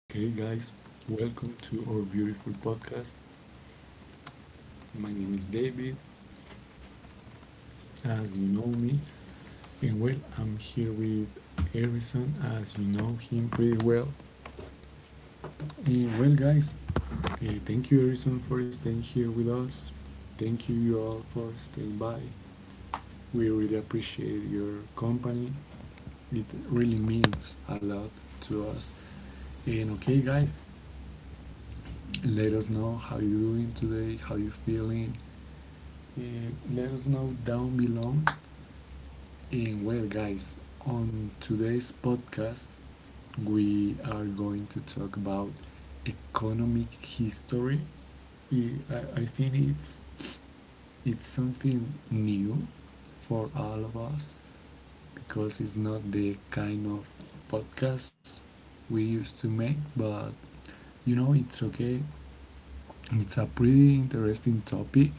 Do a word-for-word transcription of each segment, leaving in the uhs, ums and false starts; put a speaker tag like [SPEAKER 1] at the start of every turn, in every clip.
[SPEAKER 1] Okay, guys, welcome to our beautiful podcast. My name is David, as you know me, and well, I'm here with Harrison, as you know him pretty well. And well, guys, eh, thank you, Harrison, for staying here with us. Thank you, you all, for staying by. We really appreciate your company. It really means a lot to us. And okay, guys, let us know how you're doing today, how you're feeling. Uh, Let us know down below. And well, guys, on today's podcast, we are going to talk about economic history. I, I- I think it's it's something new for all of us because it's not the kind of podcast we used to make, but you know it's okay. It's a pretty interesting topic,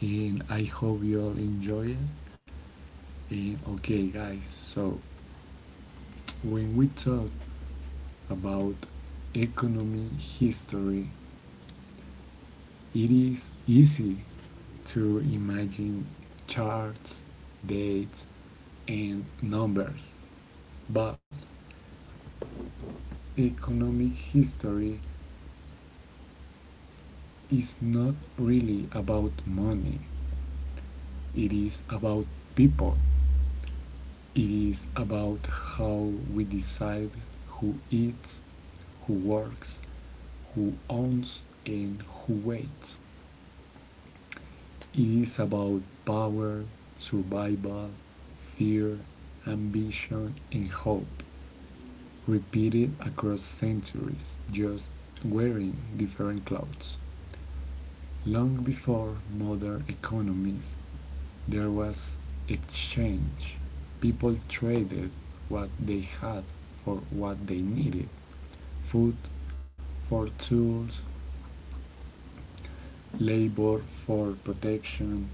[SPEAKER 1] and I hope you all enjoy it. And okay, guys, so when we talk about economy history, it is easy to imagine charts, dates, and numbers, but economic history is not really about money, it is about people. It is about how we decide who eats, who works, who owns, and who waits. It is about power, survival, fear, ambition, and hope, repeated across centuries, just wearing different clothes. Long before modern economies, there was exchange. People traded what they had for what they needed, food for tools, labor for protection.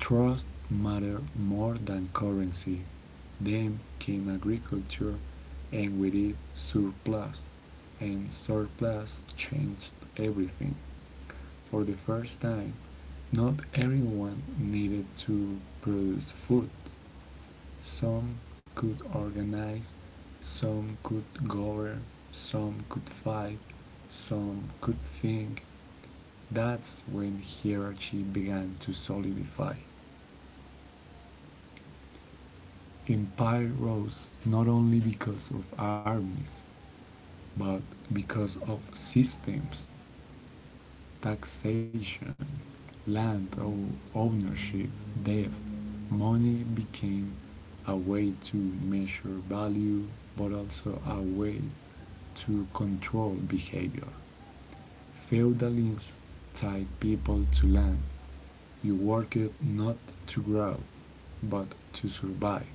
[SPEAKER 1] Trust mattered more than currency. Then came agriculture, and with it, surplus. And surplus changed everything. For the first time, not everyone needed to produce food. Some could organize, some could govern, some could fight, some could think. That's when hierarchy began to solidify. Empire rose not only because of armies, but because of systems. Taxation, land ownership, debt, money became a way to measure value, but also a way to control behavior. Feudalism tied people to land. You worked not to grow, but to survive.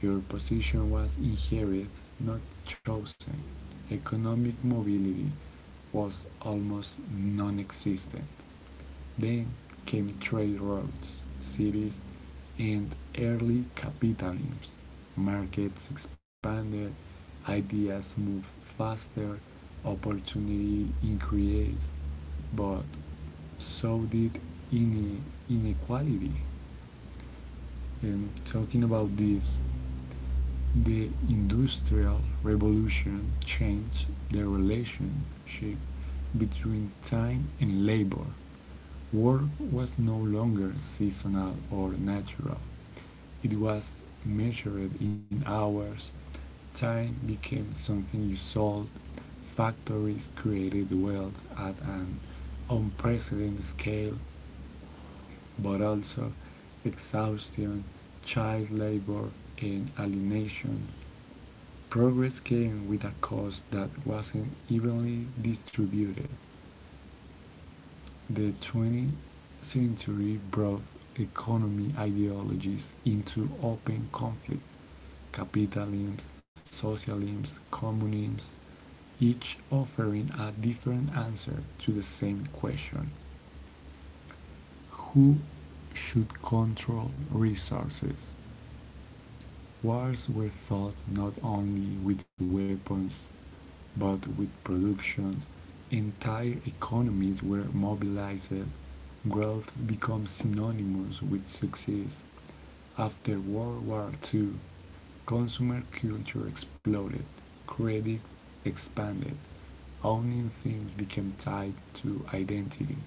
[SPEAKER 1] Your position was inherited, not chosen. Economic mobility was almost non existent. Then came trade routes, cities, and early capitalism. Markets expanded, ideas moved faster, opportunity increased, but so did ine- inequality. And talking about this, the Industrial Revolution changed the relationship between time and labor. Work was no longer seasonal or natural, it was measured in hours. Time became something you sold. Factories created wealth at an unprecedented scale, but also exhaustion, child labor, and alienation. Progress came with a cost that wasn't evenly distributed. The twentieth century brought economy ideologies into open conflict: capitalism, socialism, communism, each offering a different answer to the same question: who should control resources? Wars were fought not only with weapons, but with production. Entire economies were mobilized. Growth becomes synonymous with success. After World War two, consumer culture exploded, credit expanded, owning things became tied to identity.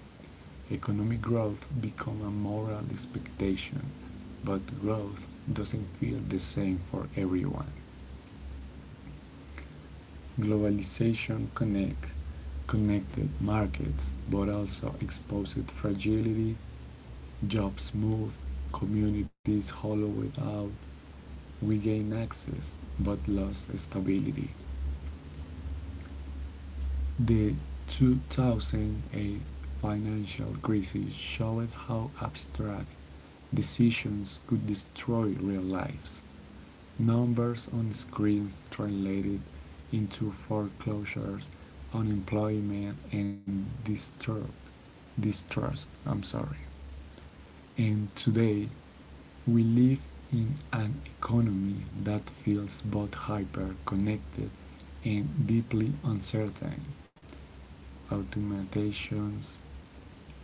[SPEAKER 1] Economic growth become a moral expectation, but growth doesn't feel the same for everyone. Globalization connect connected markets, but also exposed fragility. Jobs move, communities hollowed out. We gain access, but lost stability. The two thousand eight financial crisis showed how abstract decisions could destroy real lives. Numbers on screens translated into foreclosures, unemployment, and disturb, distrust. I'm sorry. And today, we live in an economy that feels both hyper connected and deeply uncertain: automatizations,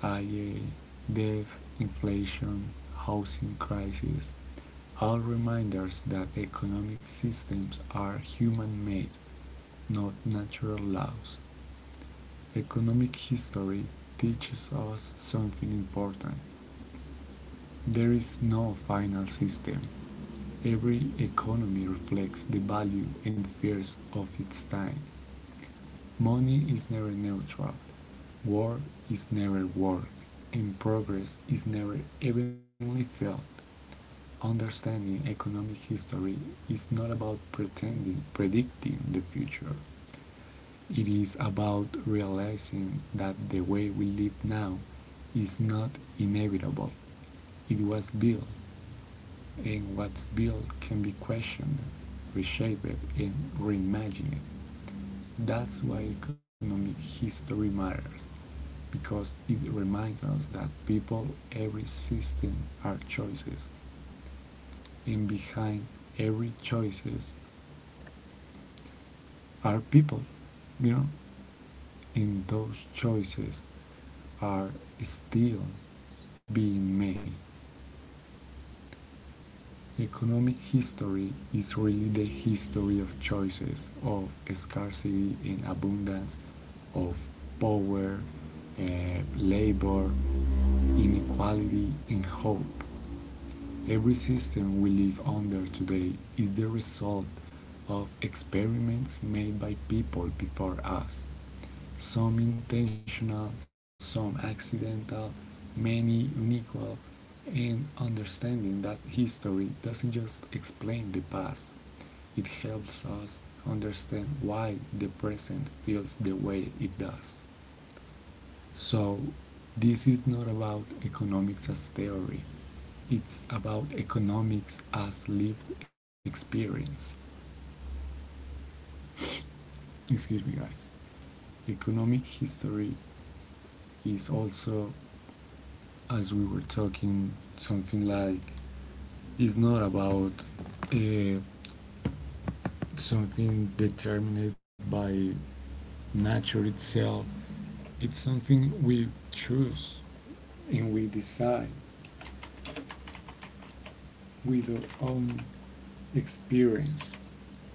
[SPEAKER 1] I A, debt, inflation, housing crisis, all reminders that economic systems are human-made, not natural laws. Economic history teaches us something important. There is no final system. Every economy reflects the value and fears of its time. Money is never neutral, war is never work, and progress is never evenly felt. Understanding economic history is not about pretending predicting the future. It is about realizing that the way we live now is not inevitable. It was built, and what's built can be questioned, reshaped, and reimagined. That's why economic history matters, because it reminds us that people, every system are choices, and behind every choices are people, you know? And those choices are still being made. Economic history is really the history of choices, of scarcity and abundance, of power, uh, labor, inequality, and hope. Every system we live under today is the result of experiments made by people before us, some intentional, some accidental, many unequal, and understanding that history doesn't just explain the past, it helps us understand why the present feels the way it does. So, this is not about economics as theory, it's about economics as lived experience. Excuse me, guys. Economic history is also, as we were talking, something like it's not about uh, something determined by nature itself, it's something we choose and we decide with our own experience.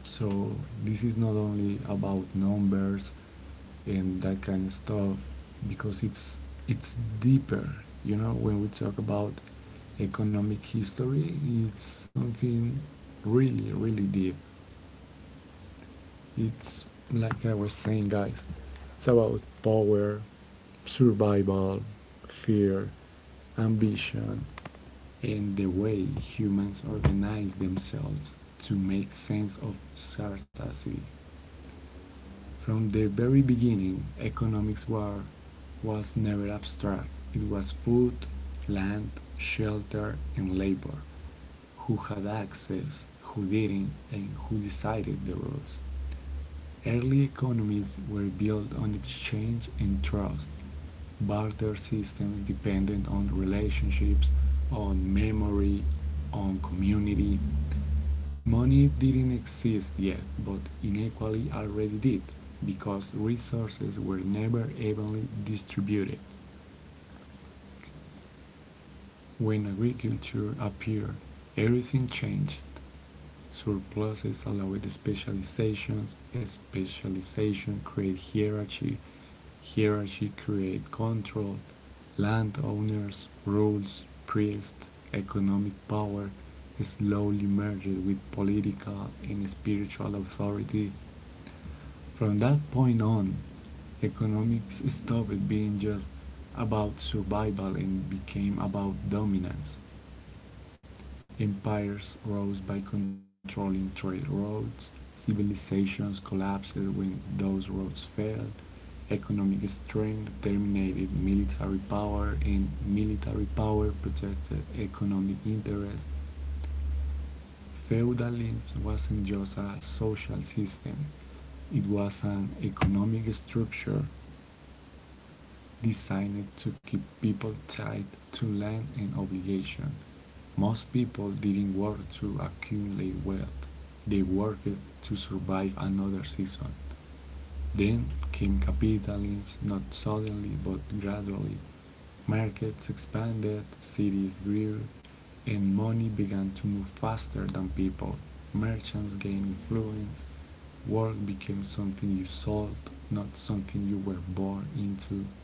[SPEAKER 1] So this is not only about numbers and that kind of stuff because it's it's deeper. You know, when we talk about economic history, it's something really really deep. It's like I was saying, guys. It's about power, survival, fear, ambition, and the way humans organize themselves to make sense of scarcity. From the very beginning, economics war was never abstract. It was food, land, shelter, and labor. Who had access, who didn't, and who decided the rules. Early economies were built on exchange and trust. Barter systems dependent on relationships, on memory, on community. Money didn't exist yet, but inequality already did, because resources were never evenly distributed. When agriculture appeared, everything changed. Surpluses allowed specializations, specialization created hierarchy, hierarchy created control, landowners, rules, priests, economic power slowly merged with political and spiritual authority. From that point on, economics stopped being just about survival and became about dominance. Empires rose by controlling trade routes, civilizations collapsed when those roads failed, economic strength terminated military power, and military power protected economic interests. Feudalism wasn't just a social system, it was an economic structure designed to keep people tied to land and obligation. Most people didn't work to accumulate wealth, they worked to survive another season. Then came capitalism, not suddenly but gradually. Markets expanded, cities grew, and money began to move faster than people. Merchants gained influence, work became something you sold, not something you were born into.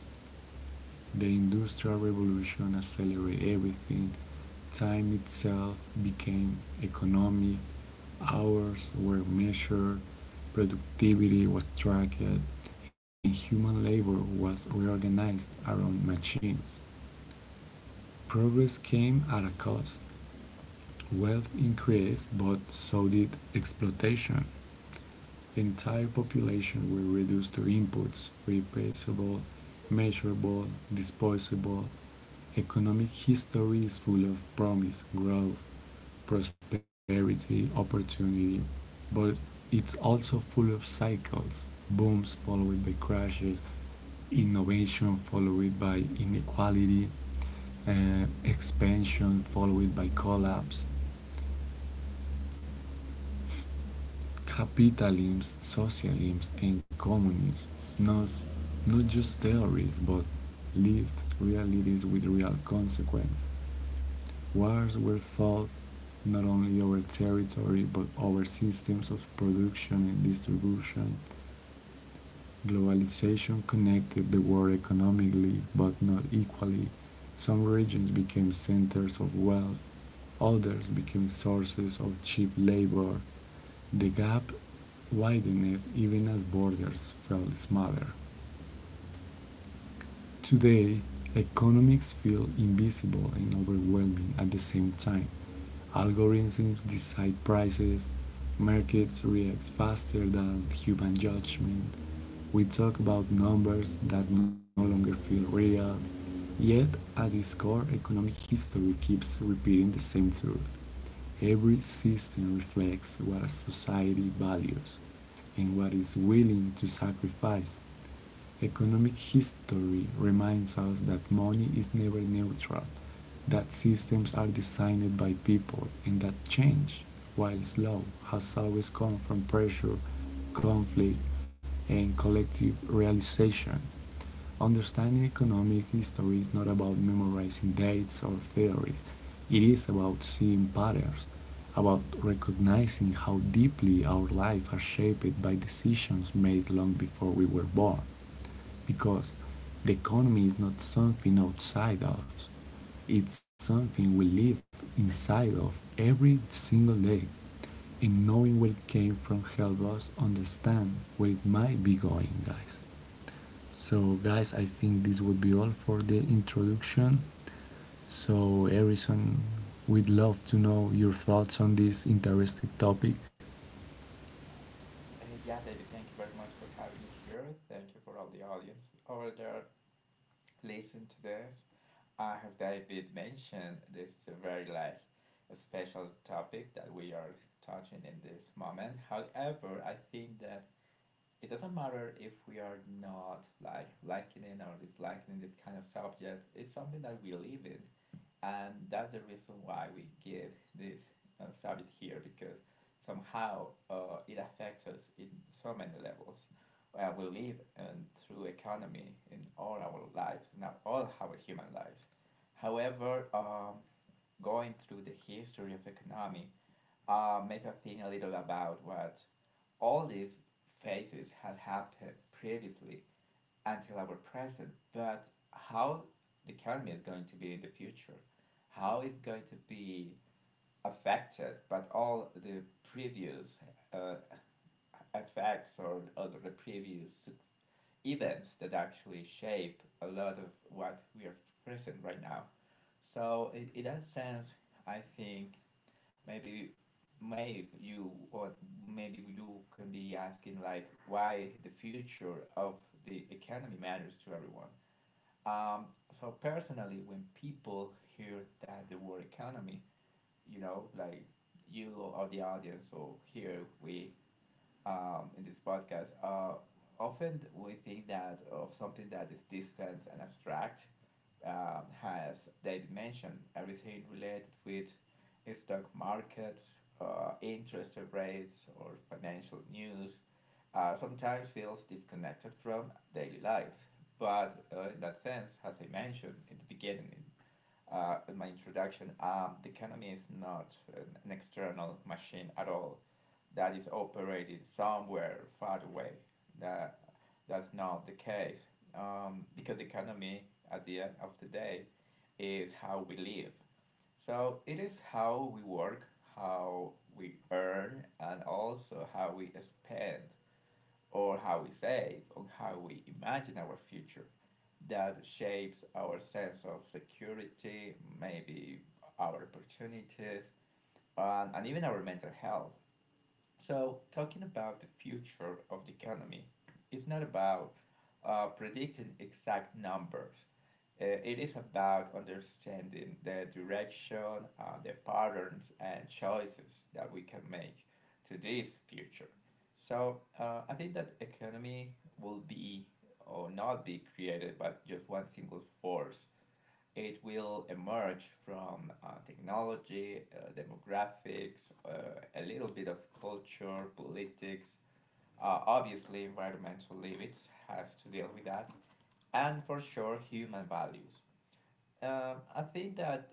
[SPEAKER 1] The Industrial Revolution accelerated everything. Time itself became economic, hours were measured, productivity was tracked, and human labor was reorganized around machines. Progress came at a cost. Wealth increased, but so did exploitation. The entire population will reduce to inputs, replaceable, measurable, disposable. Economic history is full of promise, growth, prosperity, opportunity, but it's also full of cycles, booms followed by crashes, innovation followed by inequality, uh, expansion followed by collapse. Capitalism, socialism, and communism, not, not just theories, but lived realities with real consequence. Wars were fought not only over territory, but over systems of production and distribution. Globalization connected the world economically but not equally. Some regions became centers of wealth, others became sources of cheap labor. The gap widened even as borders fell smaller. Today, economics feel invisible and overwhelming at the same time. Algorithms decide prices, markets react faster than human judgment. We talk about numbers that no longer feel real, yet at its core, economic history keeps repeating the same truth. Every system reflects what a society values and what it's willing to sacrifice. Economic history reminds us that money is never neutral, that systems are designed by people, and that change, while slow, has always come from pressure, conflict, and collective realization. Understanding economic history is not about memorizing dates or theories. It is about seeing patterns, about recognizing how deeply our lives are shaped by decisions made long before we were born. Because the economy is not something outside us, it's something we live inside of every single day. And knowing where it came from helps us understand where it might be going, guys. So guys, I think this would be all for the introduction. So Harrison, we'd love to know your thoughts on this interesting topic.
[SPEAKER 2] Uh, yeah, David, thank you very much for having me here. Thank you for all the audience over there listening to this. Uh, as David mentioned, this is a very like a special topic that we are touching in this moment. However, I think that it doesn't matter if we are not like liking or disliking this kind of subject. It's something that we live in, and that's the reason why we give this uh, subject here because somehow uh, it affects us in so many levels. Uh, we live um, through economy in all our lives, not all our human lives. However, um, going through the history of economy, uh, make us think a little about what all these phases had happened previously until our present, but how the economy is going to be in the future, how it's going to be affected by all the previous uh, effects, or, or the previous events that actually shape a lot of what we are present right now. So in, in that sense, I think maybe may you or maybe you can be asking like why the future of the economy matters to everyone, so personally, when people hear that the word economy, you know, like you or the audience or here, we um, in this podcast. Uh, often we think that of something that is distant and abstract. Um, has David mentioned everything related with stock markets, uh, interest rates, or financial news, uh, sometimes feels disconnected from daily life. But uh, in that sense, as I mentioned in the beginning, uh, in my introduction, um, the economy is not an external machine at all that is operated somewhere far away. That that's not the case um, because the economy at the end of the day is how we live. So it is how we work, how we earn, and also how we spend, or how we save, or how we imagine our future that shapes our sense of security, maybe our opportunities, and, and even our mental health. So, talking about the future of the economy is not about uh, predicting exact numbers. Uh, it is about understanding the direction, uh, the patterns, and choices that we can make to this future. So, uh, I think that economy will be or not be created by just one single force. It will emerge from uh, technology, uh, demographics, uh, a little bit of culture, politics. Uh, obviously, environmental limits has to deal with that, and for sure, human values. Um, I think that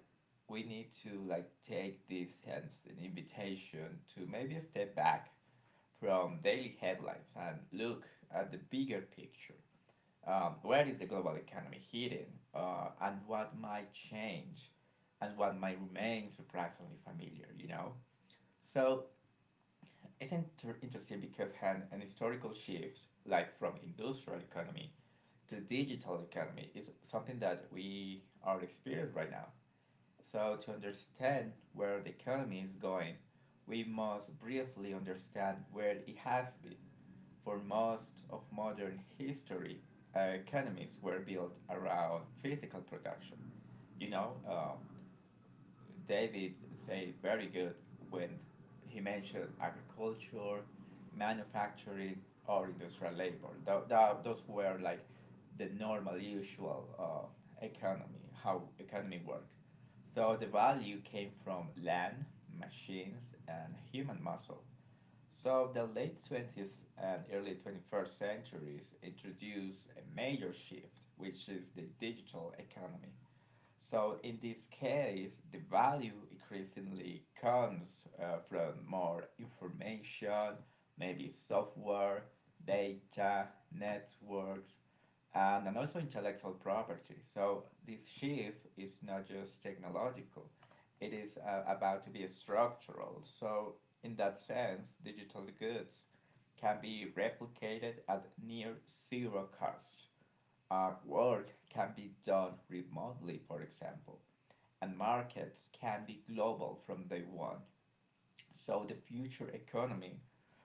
[SPEAKER 2] we need to like take this as an invitation to maybe step back from daily headlines and look at the bigger picture. Um, where is the global economy heading, uh, and what might change, and what might remain surprisingly familiar, you know? So it's inter- interesting because an, an historical shift, like from industrial economy to digital economy, is something that we are experiencing right now. So, to understand where the economy is going, we must briefly understand where it has been. For most of modern history, uh, economies were built around physical production. You know, um, David said very good when he mentioned agriculture, manufacturing, or industrial labor. Tho- tho- those were like the normal, usual uh, economy, how economy worked. So the value came from land, machines, and human muscle. So the late twentieth and early twenty-first centuries introduced a major shift, which is the digital economy. So in this case, the value increasingly comes uh, from more information, maybe software, data, networks, and, and also intellectual property. So this shift is not just technological, it is uh, about to be structural. So in that sense, digital goods can be replicated at near zero cost. Uh, work can be done remotely, for example, and markets can be global from day one. So the future economy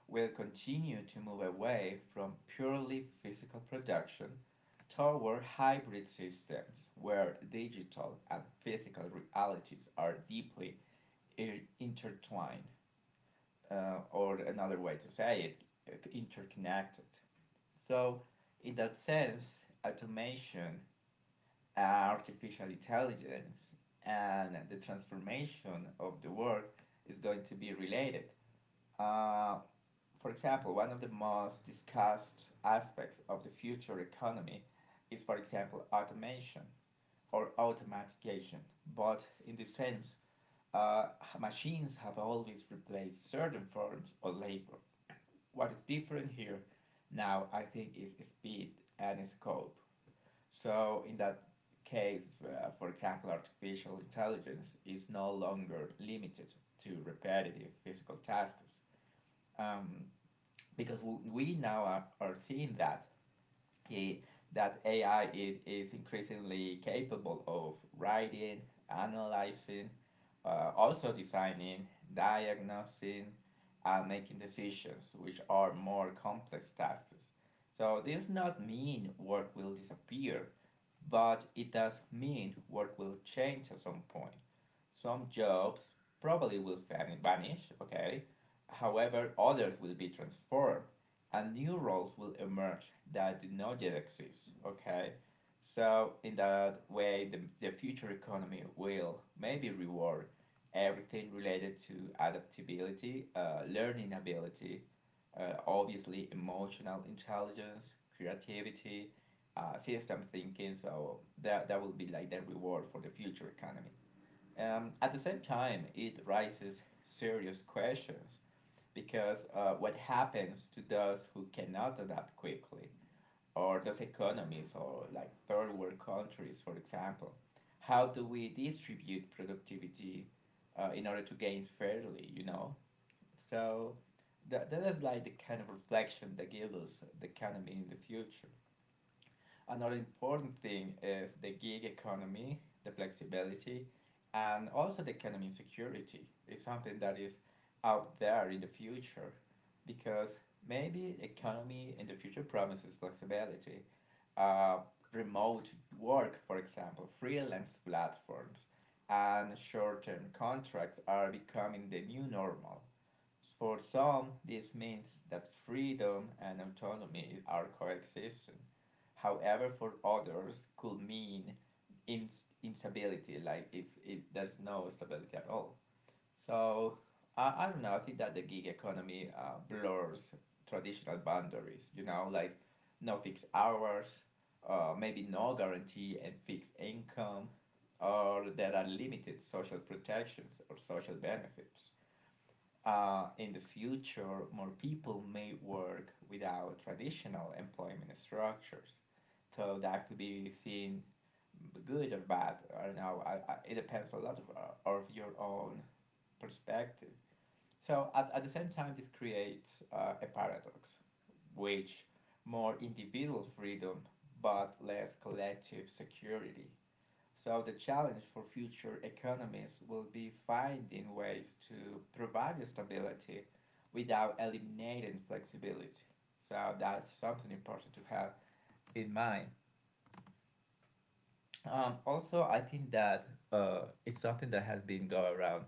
[SPEAKER 2] will continue to move away from purely physical production toward hybrid systems where digital and physical realities are deeply intertwined, uh, or another way to say it, interconnected. So, in that sense, automation, artificial intelligence, and the transformation of the world is going to be related. Uh, for example, one of the most discussed aspects of the future economy is, for example, automation or automatization. But in this sense, uh, machines have always replaced certain forms of labor. What is different here now, I think, is speed and scope. So, in that case, uh, for example, artificial intelligence is no longer limited to repetitive physical tasks, um, because w- we now are, are seeing that it that A I it is increasingly capable of writing, analyzing, uh, also designing, diagnosing, and making decisions, which are more complex tasks. So this does not mean work will disappear, but it does mean work will change at some point. Some jobs probably will vanish, okay? However, others will be transformed, and new roles will emerge that do not yet exist. Okay, so in that way, the, the future economy will maybe reward everything related to adaptability, uh, learning ability, uh, obviously emotional intelligence, creativity, uh, system thinking. So that that will be like the reward for the future economy. Um, at the same time, it raises serious questions because uh, what happens to those who cannot adapt quickly, or those economies, or like third world countries, for example? How do we distribute productivity uh, in order to gain fairly, you know? So that, that is like the kind of reflection that gives us the economy in the future. Another important thing is the gig economy, the flexibility, and also the economic security is something that is out there in the future, because maybe economy in the future promises flexibility. Uh, Remote work, for example, freelance platforms, and short-term contracts are becoming the new normal. For some, this means that freedom and autonomy are coexisting. However, for others, could mean ins- instability, like it's, it, there's no stability at all. So, I, I don't know, I think that the gig economy uh, blurs traditional boundaries, you know, like no fixed hours, uh, maybe no guarantee and fixed income, or there are limited social protections or social benefits. Uh, in the future, more people may work without traditional employment structures. So that could be seen good or bad. I don't know. I, I, it depends a lot of, uh, of your own perspective. So at, at the same time, this creates uh, a paradox, which more individual freedom but less collective security. So the challenge for future economies will be finding ways to provide stability without eliminating flexibility. So that's something important to have in mind. Um, also, I think that uh, it's something that has been going around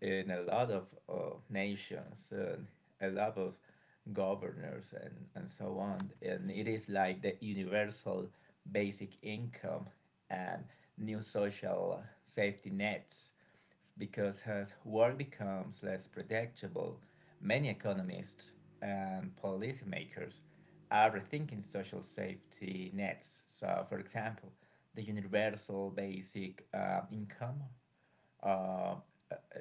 [SPEAKER 2] in a lot of uh, nations, and a lot of governors, and, and so on. And it is like the universal basic income and new social safety nets because as work becomes less predictable, many economists and policymakers are rethinking social safety nets. So, for example, the universal basic uh, income uh, uh,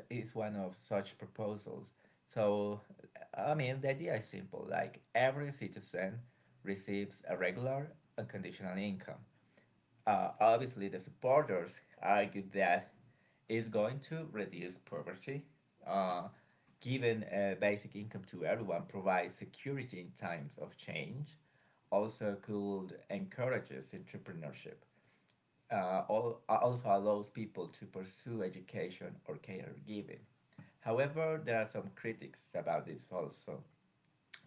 [SPEAKER 2] is one of such proposals. So, I mean, the idea is simple: like, every citizen receives a regular, unconditional income. Uh, obviously, the supporters argue that it's going to reduce poverty, uh, giving a basic income to everyone, provides security in times of change, also could encourages entrepreneurship, uh, all also allows people to pursue education or caregiving. However, there are some critics about this also.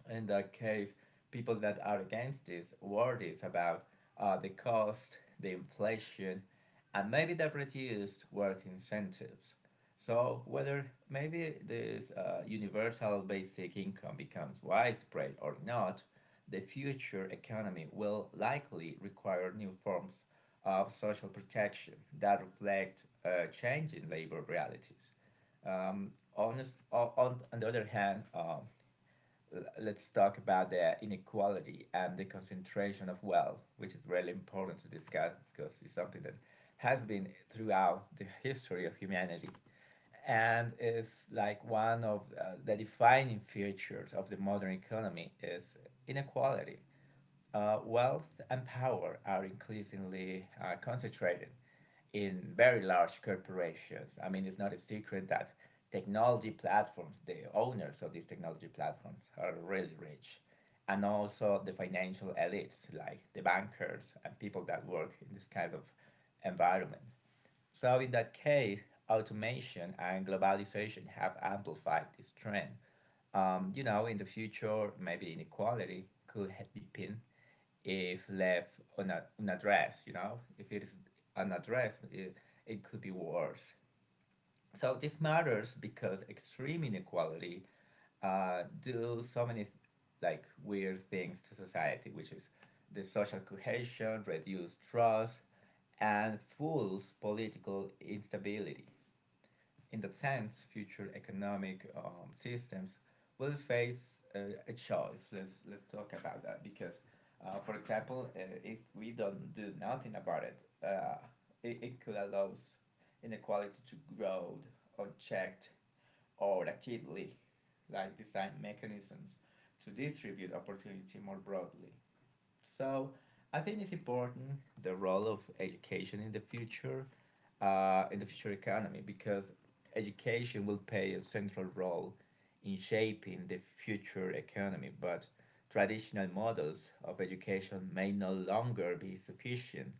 [SPEAKER 2] In that case, people that are against this worries about uh, the cost, the inflation, and maybe the reduced work incentives. So whether maybe this uh, universal basic income becomes widespread or not, the future economy will likely require new forms of social protection that reflect uh, changing labor realities. Um, on, this- on, on the other hand, um, let's talk about the inequality and the concentration of wealth, which is really important to discuss because it's something that has been throughout the history of humanity, and is like one of uh, the defining features of the modern economy is inequality. Uh, wealth and power are increasingly uh, concentrated in very large corporations. I mean, it's not a secret that technology platforms, the owners of these technology platforms, are really rich. And also the financial elites, like the bankers and people that work in this kind of environment. So, in that case, automation and globalization have amplified this trend. Um, you know, in the future, maybe inequality could ha- depend if left on a, an address, you know, if it is an address, it, it could be worse. So this matters because extreme inequality uh, do so many like weird things to society, which is the social cohesion, reduce trust, and fuels political instability. In that sense, future economic um, systems will face uh, a choice. Let's let's talk about that because, uh, for example, uh, if we don't do nothing about it, uh, it, it could allow inequality to grow unchecked, or actively, like design mechanisms to distribute opportunity more broadly. So I think it's important the role of education in the future, uh, in the future economy, because education will play a central role in shaping the future economy. But traditional models of education may no longer be sufficient.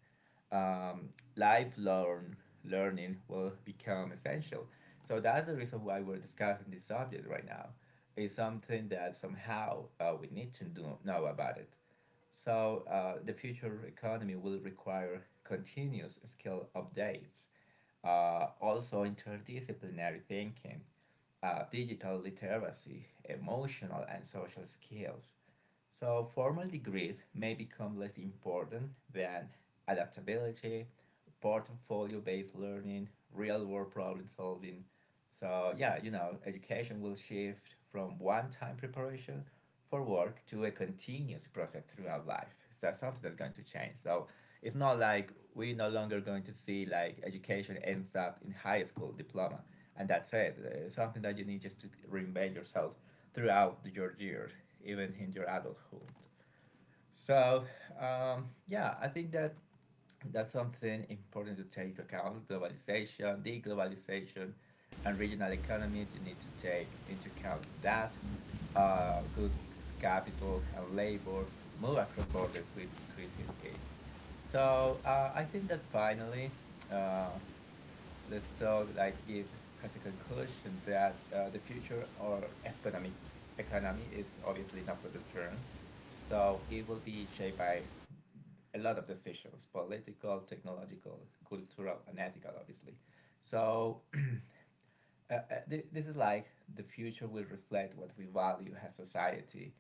[SPEAKER 2] Um, Lifelong learning will become essential. So that's the reason why we're discussing this subject right now. It's something that somehow uh, we need to do, know about it. So uh, the future economy will require continuous skill updates, uh, also interdisciplinary thinking, uh, digital literacy, emotional and social skills. So, formal degrees may become less important than adaptability, portfolio based learning, real world problem solving. So, yeah, you know, education will shift from one time preparation for work to a continuous process throughout life. So, that's something that's going to change. So, it's not like we're no longer going to see like education ends up in high school diploma and that's it. It's something that you need just to reinvent yourself throughout your years, even in your adulthood. So um, yeah, I think that that's something important to take into account: globalization, deglobalization, and regional economies. You need to take into account that uh, goods, capital, and labor move across borders with increasing ease. So uh, I think that finally, uh, let's talk like give has a conclusion that uh, the future or economic economy is obviously not the term. So it will be shaped by a lot of decisions, political, technological, cultural, and ethical, obviously. So uh, uh, th- this is like the future will reflect what we value as society.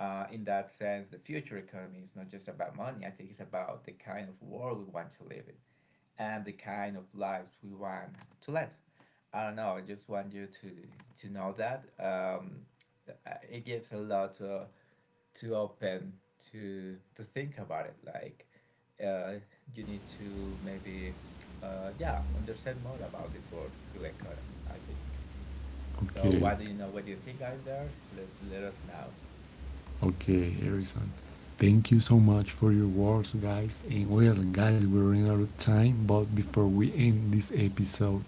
[SPEAKER 2] Uh, in that sense, the future economy is not just about money. I think it's about the kind of world we want to live in and the kind of lives we want to lead, I don't know. I just want you to to know that um, uh, it gives a lot to to open to to think about it. Like uh, you need to maybe uh, yeah, understand more about this world through economy, I think.
[SPEAKER 1] Okay,
[SPEAKER 2] So what do you know? What do you think, guys? There, let, let us know.
[SPEAKER 1] okay, Harrison. Thank you so much for your words, guys. And well, guys, we're running out of time, but before we end this episode,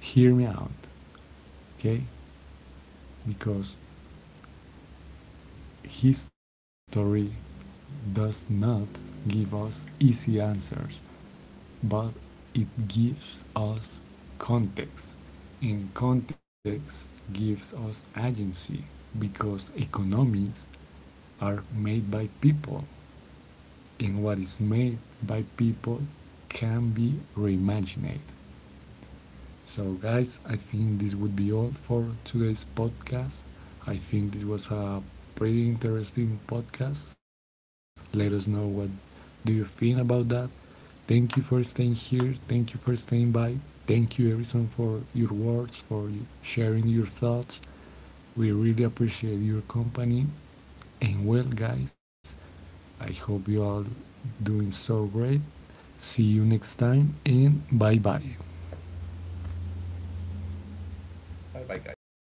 [SPEAKER 1] hear me out, okay? Because history does not give us easy answers, but it gives us context, and context gives us agency because economies are made by people, and what is made by people can be reimagined. So, guys, I think this would be all for today's podcast. I think this was a pretty interesting podcast. Let us know what do you think about that. Thank you for staying here. Thank you for staying by. Thank you, Harrison, for your words, for sharing your thoughts. We really appreciate your company. And well, guys, I hope you all doing so great. See you next time and bye bye.
[SPEAKER 2] Bye bye, guys.